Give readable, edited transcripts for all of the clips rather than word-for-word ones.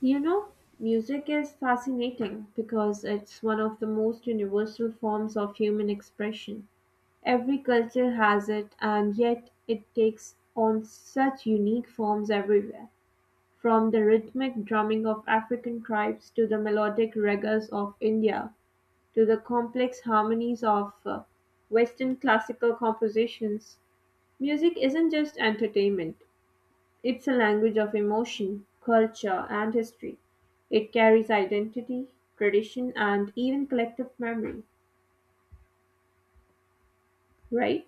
You know, music is fascinating because it's one of the most universal forms of human expression. Every culture has it, and yet it takes on such unique forms everywhere, from the rhythmic drumming of African tribes to the melodic ragas of India to the complex harmonies of Western classical compositions. Music isn't just entertainment, it's a language of emotion, culture, and history. It carries identity, tradition, and even collective memory, right?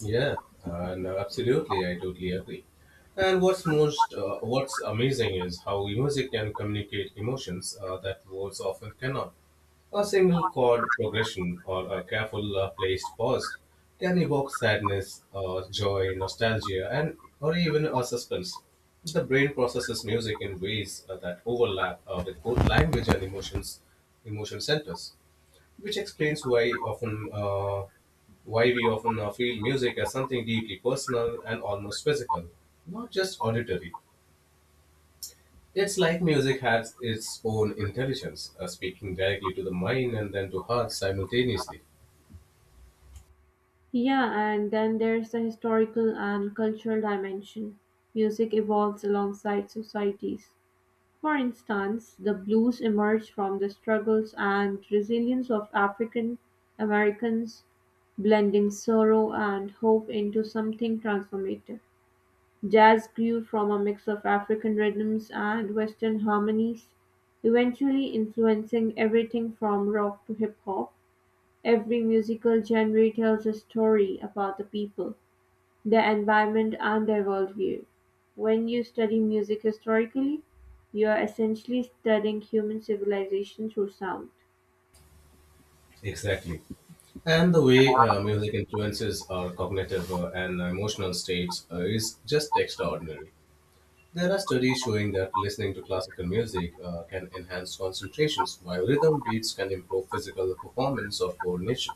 Yeah, and no, absolutely, I totally agree. And what's amazing is how music can communicate emotions that words often cannot. A single chord progression or a careful placed pause can evoke sadness, joy, nostalgia, and or even a suspense. The brain processes music in ways that overlap with both language and emotion centers, which explains why we often feel music as something deeply personal and almost physical, not just auditory. It's like music has its own intelligence, speaking directly to the mind and then to heart simultaneously. Yeah, and then there's the historical and cultural dimension. Music evolves alongside societies. For instance, the blues emerged from the struggles and resilience of African Americans, blending sorrow and hope into something transformative. Jazz grew from a mix of African rhythms and Western harmonies, eventually influencing everything from rock to hip-hop. Every musical genre tells a story about the people, their environment, and their worldview. When you study music historically, you are essentially studying human civilization through sound. Exactly. And the way music influences our cognitive and emotional states is just extraordinary. There are studies showing that listening to classical music can enhance concentrations, while rhythm beats can improve physical performance or coordination.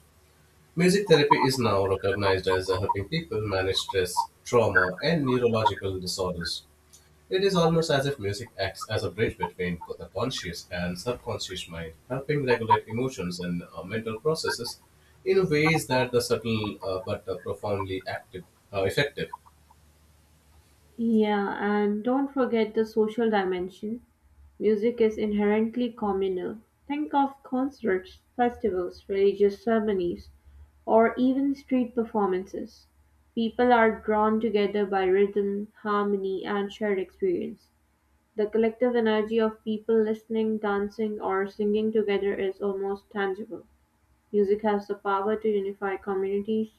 Music therapy is now recognized as helping people manage stress, trauma, and neurological disorders. It is almost as if music acts as a bridge between the conscious and subconscious mind, helping regulate emotions and mental processes in ways that are subtle but profoundly effective. Yeah, and don't forget the social dimension. Music is inherently communal; think of concerts, festivals, religious ceremonies, or even street performances; people are drawn together by rhythm, harmony, and shared experience. The collective energy of people listening, dancing, or singing together is almost tangible. Music has the power to unify communities,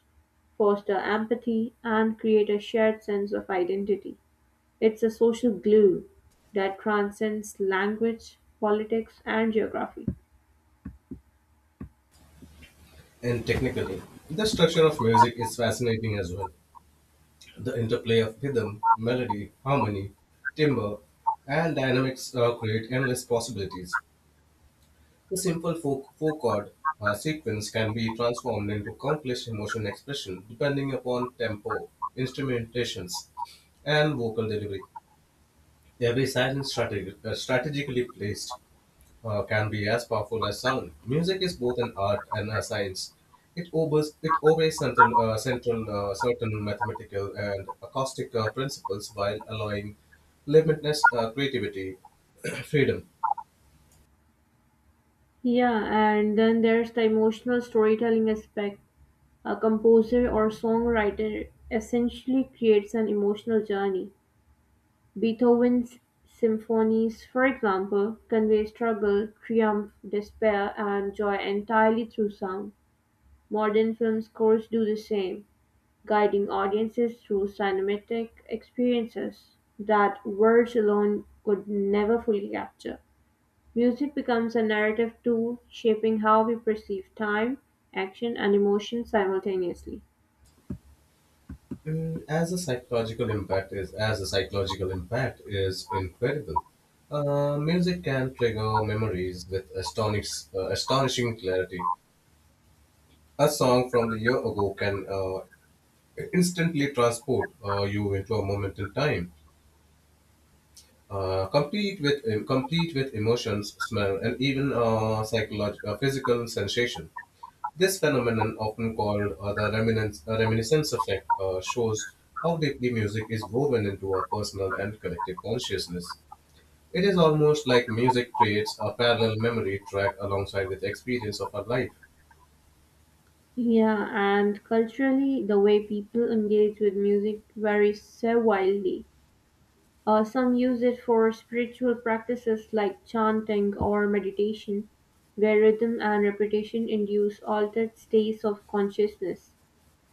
foster empathy, and create a shared sense of identity. It's a social glue that transcends language, politics, and geography. And technically, the structure of music is fascinating as well. The interplay of rhythm, melody, harmony, timbre, and dynamics create endless possibilities. A simple four, four chord sequence can be transformed into countless emotion expression depending upon tempo, instrumentations, and vocal delivery. Every silent strategically placed can be as powerful as sound. Music is both an art and a science. It obeys certain mathematical and acoustic principles while allowing limitless creativity, freedom. Yeah, and then there's the emotional storytelling aspect. A composer or songwriter essentially creates an emotional journey. Beethoven's symphonies, for example, convey struggle, triumph, despair, and joy entirely through sound. Modern film scores do the same, guiding audiences through cinematic experiences that words alone could never fully capture. Music becomes a narrative tool, shaping how we perceive time, action, and emotion simultaneously. As a psychological impact is incredible. Music can trigger memories with astonishing clarity. A song from the year ago can instantly transport you into a moment in time, complete with emotions, smell, and even psychological, physical sensation. This phenomenon, often called the reminiscence effect, shows how deeply music is woven into our personal and collective consciousness. It is almost like music creates a parallel memory track alongside with the experience of our life. Yeah, and culturally, the way people engage with music varies so wildly. Some use it for spiritual practices like chanting or meditation, where rhythm and repetition induce altered states of consciousness.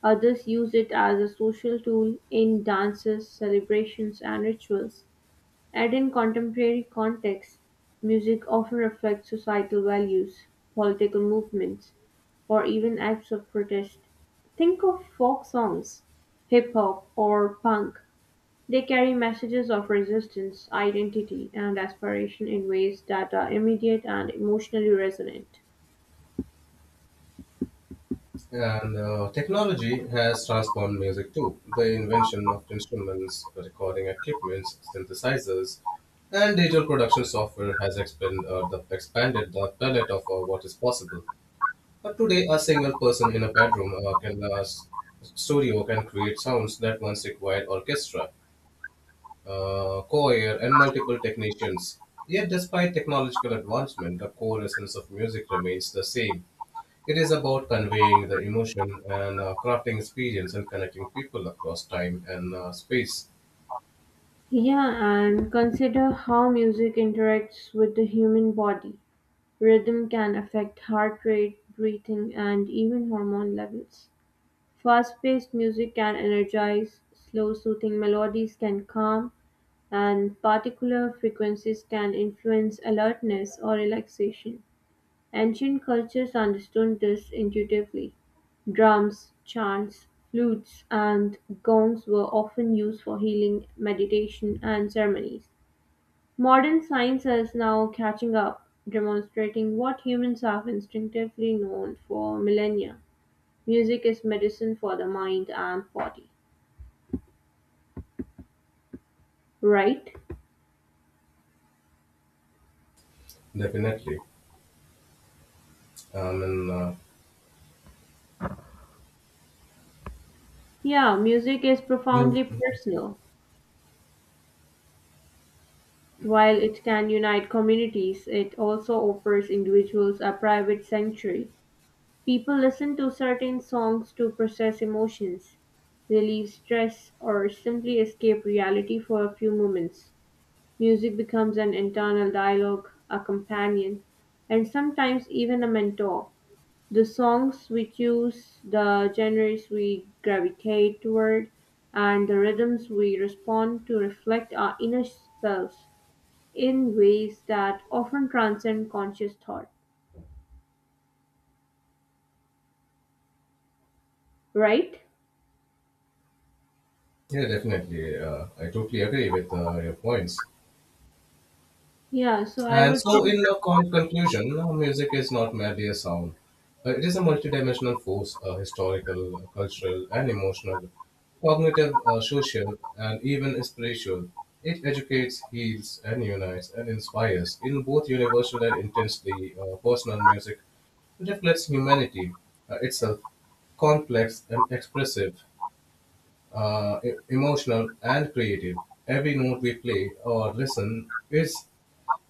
Others use it as a social tool in dances, celebrations, and rituals. And in contemporary contexts, music often reflects societal values, political movements, or even acts of protest. Think of folk songs, hip hop, or punk. They carry messages of resistance, identity, and aspiration in ways that are immediate and emotionally resonant. And technology has transformed music too. The invention of instruments, recording equipments, synthesizers, and digital production software has expanded the palette of what is possible. But today, a single person in a bedroom studio can create sounds that once required orchestra, choir, and multiple technicians. Yet, despite technological advancement, the core essence of music remains the same. It is about conveying the emotion and crafting experience and connecting people across time and space. Yeah, and consider how music interacts with the human body. Rhythm can affect heart rate, breathing, and even hormone levels. Fast paced music can energize, slow soothing melodies can calm, and particular frequencies can influence alertness or relaxation. Ancient cultures understood this intuitively. Drums, chants, flutes, and gongs were often used for healing, meditation, and ceremonies. Modern science is now catching up, demonstrating what humans have instinctively known for millennia. Music is medicine for the mind and body. Right? Definitely. Um, and, uh, Yeah, music is profoundly personal. While it can unite communities, it also offers individuals a private sanctuary. People listen to certain songs to process emotions, relieve stress, or simply escape reality for a few moments. Music becomes an internal dialogue, a companion, and sometimes even a mentor. The songs we choose, the genres we gravitate toward, and the rhythms we respond to reflect our inner selves in ways that often transcend conscious thought, right? yeah, definitely. I totally agree with your points. Yeah, so I And would. so, in a conclusion, you music is not merely a sound. It is a multidimensional force, historical, cultural, and emotional, cognitive, social, and even spiritual. It educates, heals, and unites, and inspires. In both universal and intensely personal music reflects humanity itself, complex and expressive, emotional and creative. Every note we play or listen is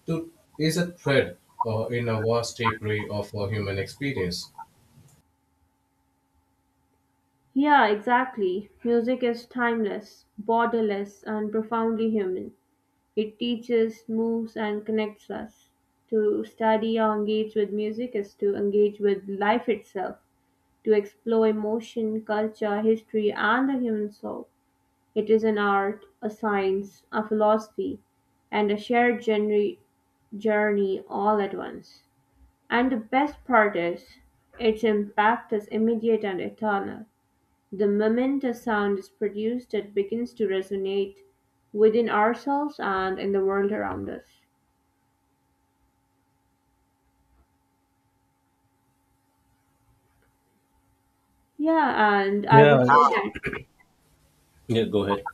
truth is a thread in a vast tapestry of our human experience. Yeah, exactly. Music is timeless, borderless, and profoundly human. It teaches, moves and connects us. To study or engage with music is to engage with life itself, to explore emotion, culture, history and the human soul. It is an art, a science, a philosophy, and a shared journey all at once. And the best part is, its impact is immediate and eternal. The moment a sound is produced, it begins to resonate within ourselves and in the world around us. Yeah, and I would Yeah, say ah, that yeah, go ahead.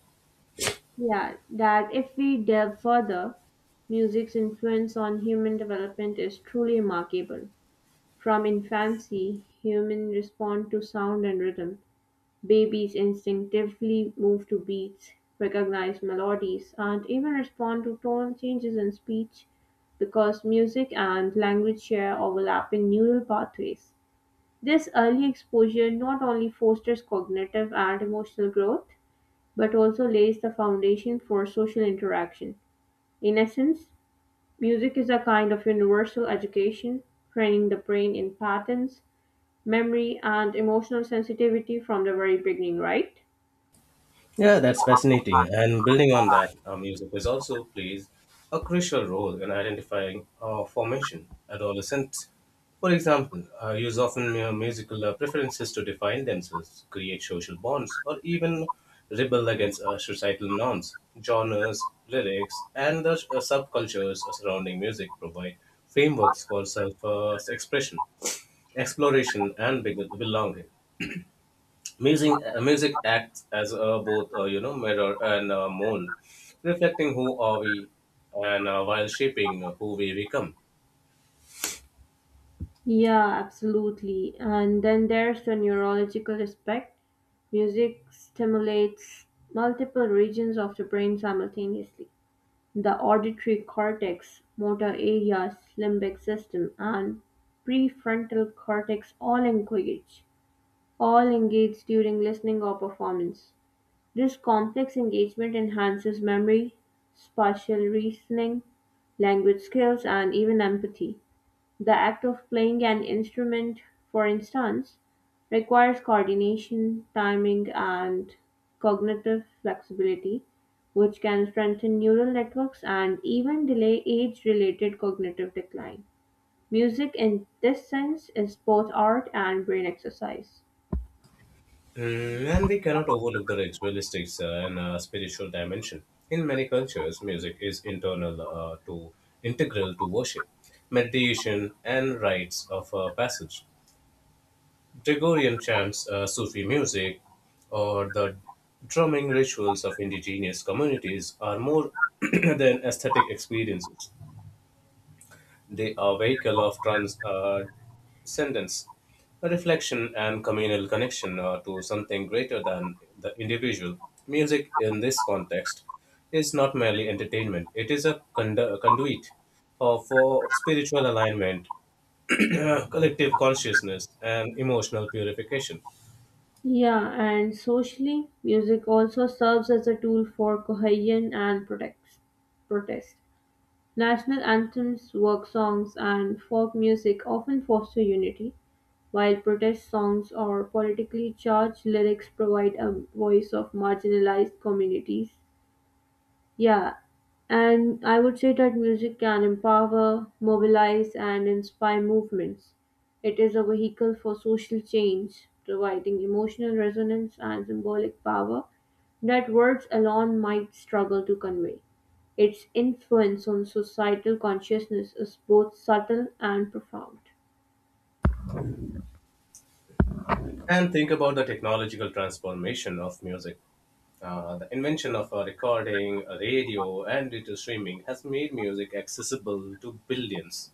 yeah, that if we delve further, music's influence on human development is truly remarkable. From infancy, humans respond to sound and rhythm. Babies instinctively move to beats, recognize melodies, and even respond to tone changes in speech because music and language share overlapping neural pathways. This early exposure not only fosters cognitive and emotional growth, but also lays the foundation for social interaction. In essence, music is a kind of universal education, training the brain in patterns, memory, and emotional sensitivity from the very beginning, right? Yeah, that's fascinating. And building on that, music is also plays a crucial role in identifying formation. Adolescents, for example, use often musical preferences to define themselves, create social bonds, or even rebel against societal norms. Genres, lyrics, and the subcultures surrounding music provide frameworks for self expression, exploration, and belonging. Music acts as both you know mirror and mold, reflecting who are we, and while shaping who we become. Yeah, absolutely. And then there's the neurological aspect. Music stimulates multiple regions of the brain simultaneously. The auditory cortex, motor areas, limbic system, and prefrontal cortex all engage during listening or performance. This complex engagement enhances memory, spatial reasoning, language skills, and even empathy. The act of playing an instrument, for instance, requires coordination, timing, and cognitive flexibility, which can strengthen neural networks and even delay age related cognitive decline. Music, in this sense, is both art and brain exercise. Mm, and we cannot overlook the ritualistic and spiritual dimension. In many cultures, music is internal to integral to worship, meditation, and rites of passage. Gregorian chants, Sufi music, or the drumming rituals of indigenous communities are more than aesthetic experiences. They are vehicle of transcendence, a reflection and communal connection to something greater than the individual. Music in this context is not merely entertainment; it is a conduit of for spiritual alignment, collective consciousness, and emotional purification. Yeah, and socially, music also serves as a tool for cohesion and protest. National anthems, work songs, and folk music often foster unity, while protest songs or politically charged lyrics provide a voice of marginalized communities. Yeah, and I would say that music can empower, mobilize, and inspire movements. It is a vehicle for social change, providing emotional resonance and symbolic power that words alone might struggle to convey. Its influence on societal consciousness is both subtle and profound. And think about the technological transformation of music. The invention of a recording, a radio, and digital streaming has made music accessible to billions,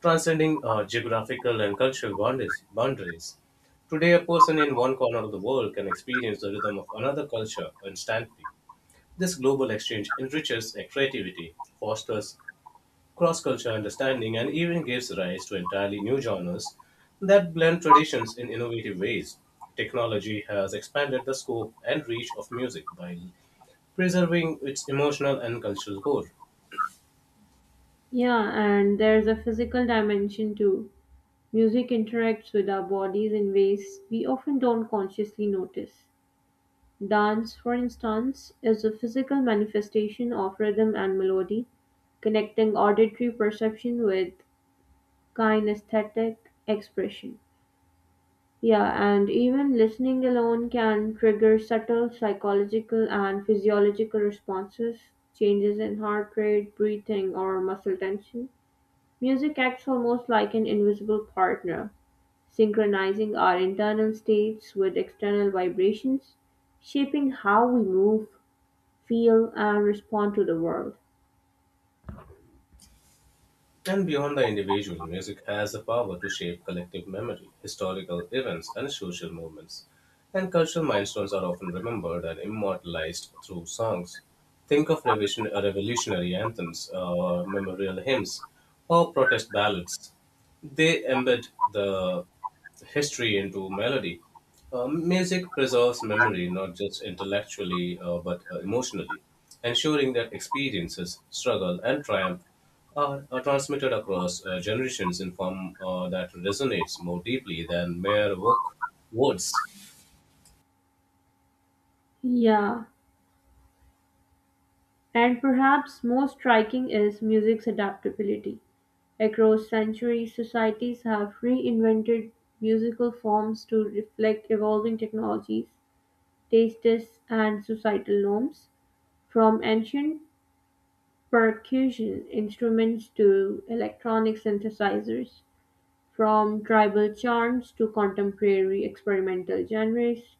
transcending geographical and cultural boundaries. Today, a person in one corner of the world can experience the rhythm of another culture instantly. This global exchange enriches creativity, fosters cross-cultural understanding and even gives rise to entirely new genres that blend traditions in innovative ways. Technology has expanded the scope and reach of music by preserving its emotional and cultural core. Yeah, and there's a physical dimension too. Music interacts with our bodies in ways we often don't consciously notice. Dance, for instance, is a physical manifestation of rhythm and melody, connecting auditory perception with kinesthetic expression. Yeah, and even listening alone can trigger subtle psychological and physiological responses, changes in heart rate, breathing, or muscle tension. Music acts almost like an invisible partner, synchronizing our internal states with external vibrations, shaping how we move, feel and respond to the world. And beyond the individual, music has the power to shape collective memory, historical events, and social movements. And cultural milestones are often remembered and immortalized through songs. Think of revolutionary anthems, memorial hymns, or protest ballads. They embed the history into melody. Music preserves memory not just intellectually but emotionally, ensuring that experiences, struggle, and triumph are transmitted across generations in form that resonates more deeply than mere words. Yeah, and perhaps most striking is music's adaptability. Across centuries, societies have reinvented musical forms to reflect evolving technologies, tastes, and societal norms. From ancient percussion instruments to electronic synthesizers, from tribal charms to contemporary experimental genres,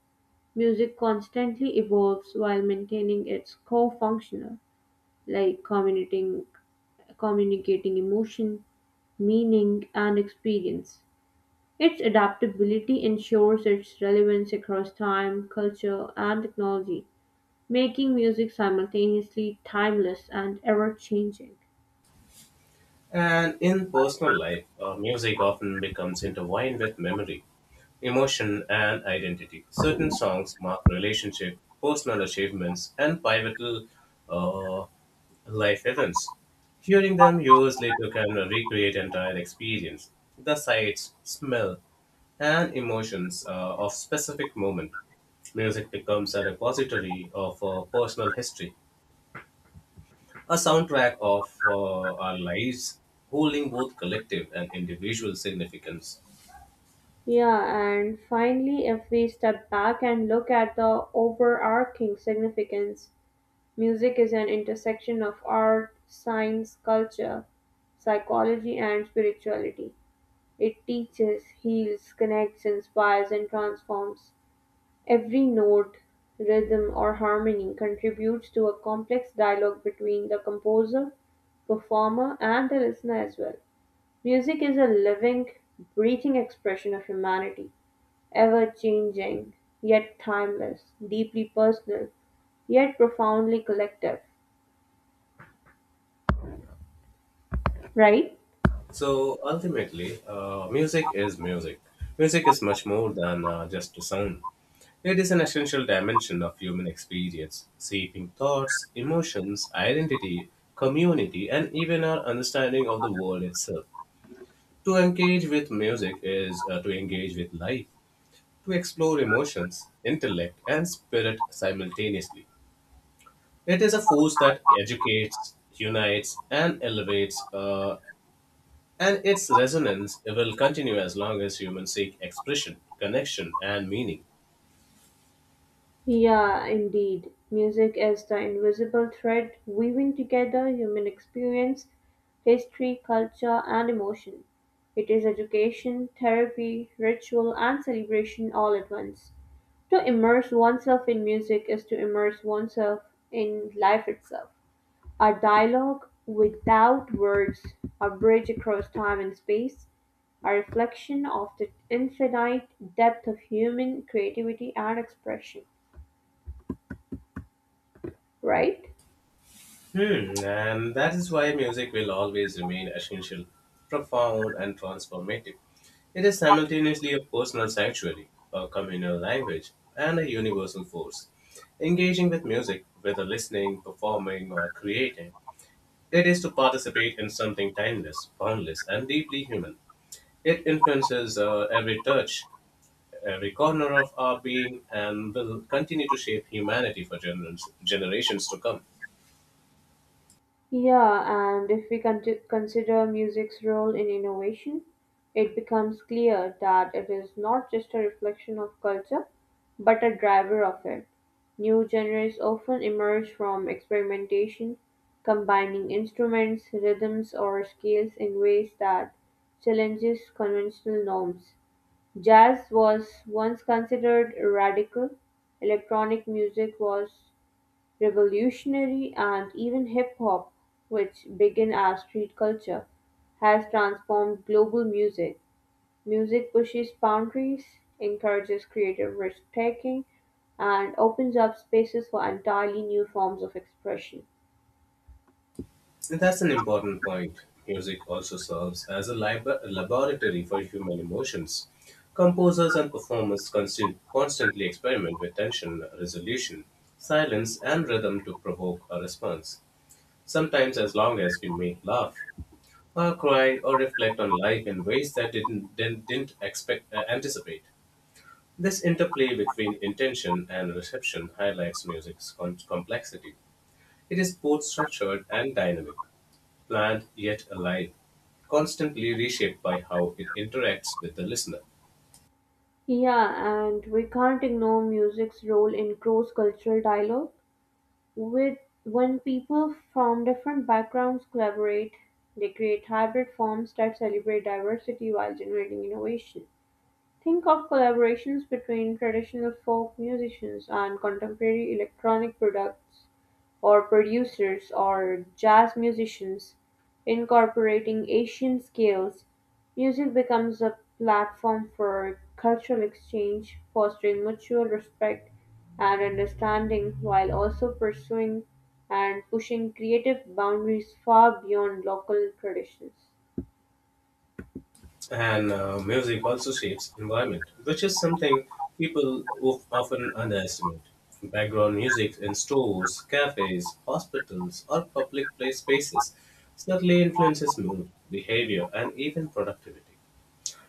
music constantly evolves while maintaining its core functional, like communicating emotion, meaning, and experience. Its adaptability ensures its relevance across time, culture, and technology, making music simultaneously timeless and ever changing. And in personal life, music often becomes intertwined with memory, emotion, and identity. Certain songs mark relationship, personal achievements, and pivotal uh, life events. Hearing them years later can recreate entire experience, the sights, smell, and emotions of specific moment. Music becomes a repository of personal history, a soundtrack of our lives, holding both collective and individual significance. Yeah, and finally, if we step back and look at the overarching significance, music is an intersection of art, science, culture, psychology, and spirituality. It teaches, heals, connects, inspires, and transforms. Every note, rhythm, or harmony contributes to a complex dialogue between the composer, performer, and the listener as well. Music is a living, breathing expression of humanity, ever changing, yet timeless, deeply personal, yet profoundly collective, right? So ultimately, music is music. Music is much more than just a sound. It is an essential dimension of human experience, shaping thoughts, emotions, identity, community, and even our understanding of the world itself. To engage with music is to engage with life, to explore emotions, intellect, and spirit simultaneously. It is a force that educates, unites, and elevates, and its resonance will continue as long as humans seek expression, connection, and meaning. Yeah, indeed. Music is the invisible thread weaving together human experience, history, culture, and emotion. It is education, therapy, ritual, and celebration all at once. To immerse oneself in music is to immerse oneself in life itself. A dialogue without words, a bridge across time and space, a reflection of the infinite depth of human creativity and expression, right? Hmm, and that is why music will always remain essential, profound, and transformative. It is simultaneously a personal sanctuary, a communal language, and a universal force. Engaging with music, whether listening, performing, or creating, it is to participate in something timeless, boundless, and deeply human. It influences every touch, every corner of our being, and will continue to shape humanity for generations to come. Yeah, and if we consider music's role in innovation, it becomes clear that it is not just a reflection of culture, but a driver of it. New genres often emerge from experimentation, combining instruments, rhythms, or scales in ways that challenges conventional norms. Jazz was once considered radical, electronic music was revolutionary, and even hip hop, which began as street culture, has transformed global music. Music pushes boundaries, encourages creative risk taking, and opens up spaces for entirely new forms of expression. And that's an important point. Music also serves as a laboratory for human emotions. Composers and performers constantly experiment with tension, resolution, silence, and rhythm to provoke a response. Sometimes, as long as we may laugh, or cry, or reflect on life in ways that didn't anticipate. This interplay between intention and reception highlights music's complexity. It is both structured and dynamic, planned yet alive, constantly reshaped by how it interacts with the listener. Yeah, and we can't ignore music's role in cross cultural dialogue. With When people from different backgrounds collaborate, they create hybrid forms that celebrate diversity while generating innovation. Think of collaborations between traditional folk musicians and contemporary electronic products or producers or jazz musicians incorporating Asian scales, music becomes a platform for cultural exchange, fostering mutual respect and understanding while also pursuing and pushing creative boundaries far beyond local traditions. And music also shapes environment, which is something people often underestimate. Background music in stores, cafes, hospitals, or public place spaces certainly influences mood, behavior, and even productivity.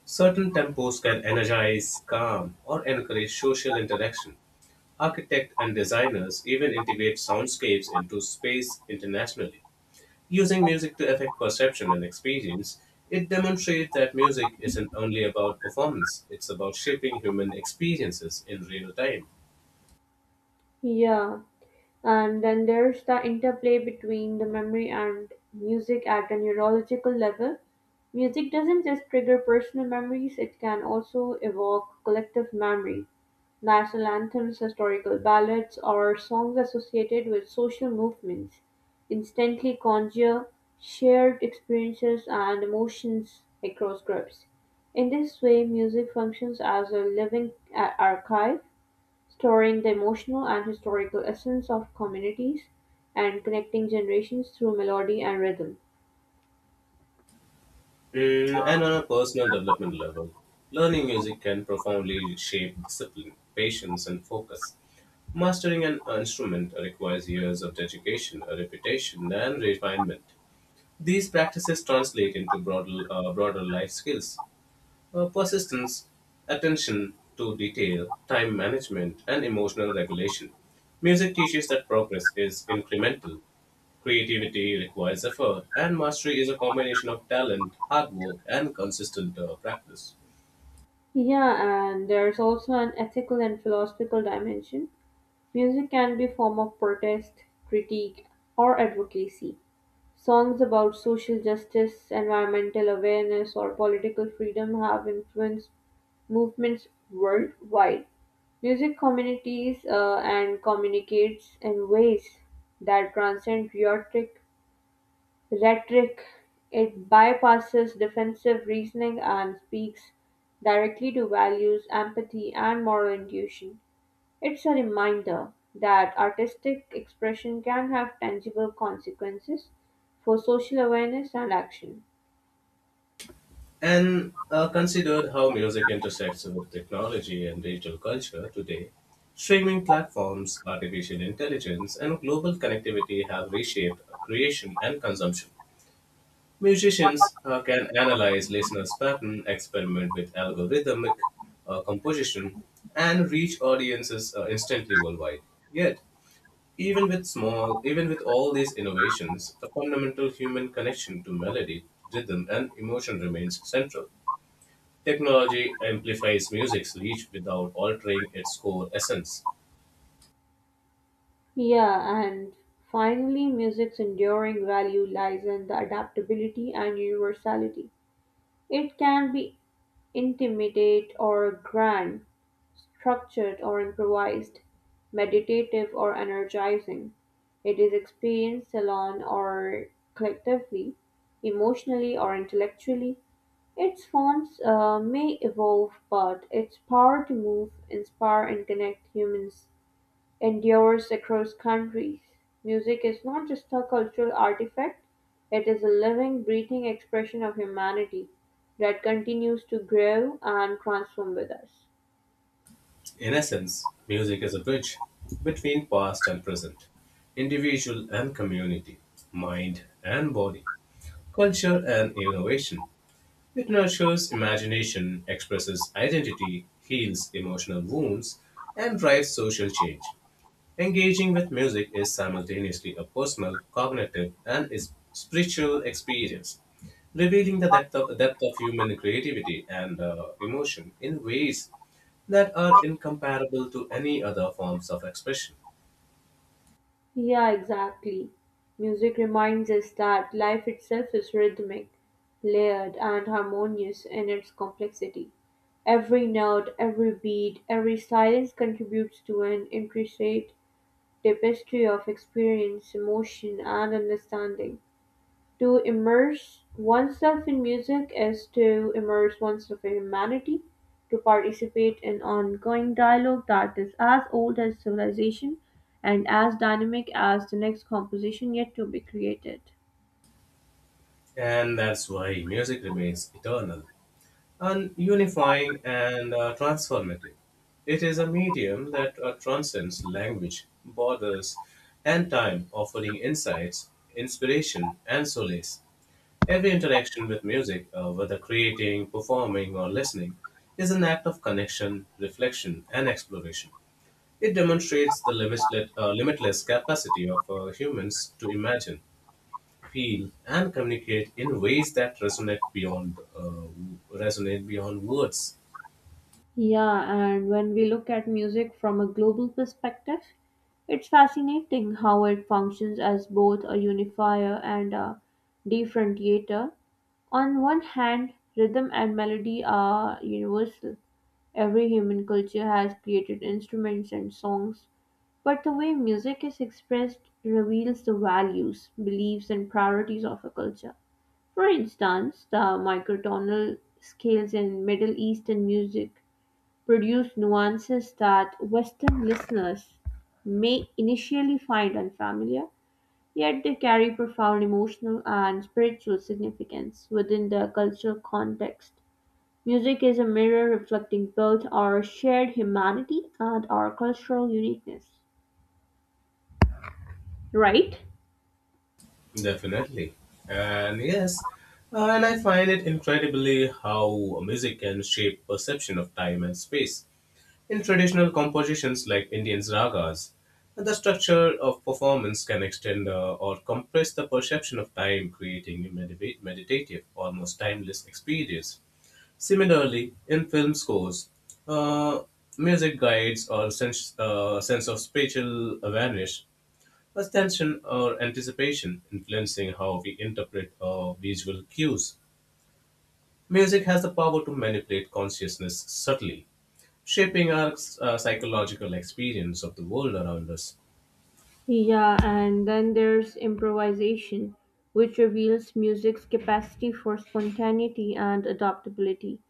Certain tempos can energize, calm, or encourage social interaction. Architects and designers even integrate soundscapes into space internationally. Using music to affect perception and experience, it demonstrates that music isn't only about performance, it's about shaping human experiences in real time. Yeah. And then there's the interplay between the memory and music at a neurological level. Music doesn't just trigger personal memories, it can also evoke collective memory. National anthems, historical ballads, or songs associated with social movements instantly conjure shared experiences and emotions across groups. In this way, music functions as a living archive, storing the emotional and historical essence of communities and connecting generations through melody and rhythm. And on a personal development level, learning music can profoundly shape discipline, patience, and focus. Mastering an instrument requires years of dedication, repetition, and refinement. These practices translate into broader life skills. Persistence, attention to detail, time management, and emotional regulation. Music teaches that progress is incremental. Creativity requires effort, and mastery is a combination of talent, hard work, and consistent practice. Yeah, and there's also an ethical and philosophical dimension. Music can be a form of protest, critique, or advocacy. Songs about social justice, environmental awareness, or political freedom have influenced movements worldwide. Music communities and communicates in ways that transcend rhetoric. It bypasses defensive reasoning and speaks directly to values, empathy, and moral intuition. It's a reminder that artistic expression can have tangible consequences for social awareness and action. And considered how music intersects with technology and digital culture today, streaming platforms, artificial intelligence, and global connectivity have reshaped creation and consumption. Musicians can analyze listeners' pattern, experiment with algorithmic composition, and reach audiences instantly worldwide. Yet, even with all these innovations, the fundamental human connection to melody, rhythm, and emotion remains central. Technology amplifies music's reach without altering its core essence. Yeah, and finally, music's enduring value lies in the adaptability and universality. It can be intimate or grand, structured or improvised, meditative or energizing, it is experienced alone or collectively, emotionally or intellectually. Its forms may evolve, but its power to move, inspire, and connect humans endures across countries. Music is not just a cultural artifact, it is a living, breathing expression of humanity that continues to grow and transform with us. In essence, music is a bridge between past and present, individual and community, mind and body. Culture and innovation. It nurtures imagination, expresses identity, heals emotional wounds, and drives social change. Engaging with music is simultaneously a personal, cognitive, and is spiritual experience, revealing the depth of human creativity and emotion in ways that are incomparable to any other forms of expression. Yeah, exactly. Music reminds us that life itself is rhythmic, layered, and harmonious in its complexity. Every note, every beat, every silence contributes to an intricate tapestry of experience, emotion, and understanding. To immerse oneself in music is to immerse oneself in humanity, to participate in ongoing dialogue that is as old as civilization and as dynamic as the next composition yet to be created. And that's why music remains eternal, and unifying and transformative. It is a medium that transcends language, borders, and time, offering insights, inspiration, and solace. Every interaction with music, whether creating, performing, or listening, is an act of connection, reflection, and exploration. It demonstrates the limitless capacity of humans to imagine, feel, and communicate in ways that resonate beyond words. Yeah, and when we look at music from a global perspective, it's fascinating how it functions as both a unifier and a differentiator. On one hand, rhythm and melody are universal. Every human culture has created instruments and songs, but the way music is expressed reveals the values, beliefs, and priorities of a culture. For instance, the microtonal scales in Middle Eastern music produce nuances that Western listeners may initially find unfamiliar, yet they carry profound emotional and spiritual significance within their cultural context. Music is a mirror reflecting both our shared humanity and our cultural uniqueness. Right? Definitely. And yes, and I find it incredibly how music can shape perception of time and space. In traditional compositions like Indian ragas, the structure of performance can extend or compress the perception of time, creating a meditative, almost timeless experience. Similarly, in film scores, uh, music guides or sense of spatial awareness, there's tension or anticipation influencing how we interpret our visual cues. Music has the power to manipulate consciousness subtly, shaping our psychological experience of the world around us. Yeah, and then there's improvisation, which reveals music's capacity for spontaneity and adaptability.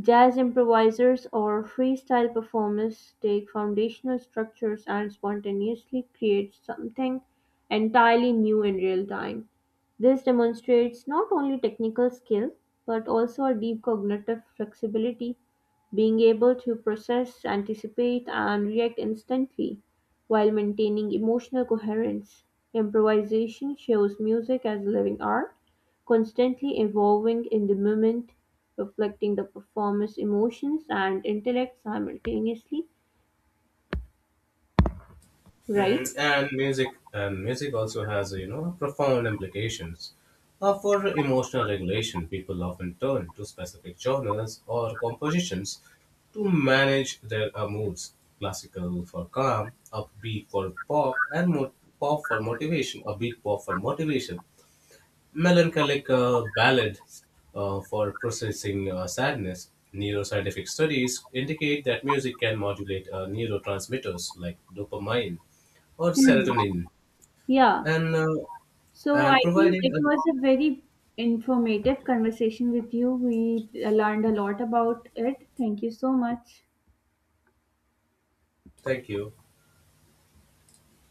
Jazz improvisers or freestyle performers take foundational structures and spontaneously create something entirely new in real time. This demonstrates not only technical skill but also a deep cognitive flexibility, being able to process, anticipate, and react instantly while maintaining emotional coherence. Improvisation shows music as living art, constantly evolving in the moment reflecting the performer's emotions and intellect simultaneously, Mm, right? and music also has you know profound implications for emotional regulation. People often turn to specific genres or compositions to manage their moods: classical for calm, upbeat for pop and mo- pop for motivation upbeat pop for motivation, melancholic ballad for processing sadness. Neuroscientific studies indicate that music can modulate neurotransmitters like dopamine or Hmm. serotonin, Yeah. and So I think providing it a was a very informative conversation with you. We learned a lot about it. Thank you so much. thank you.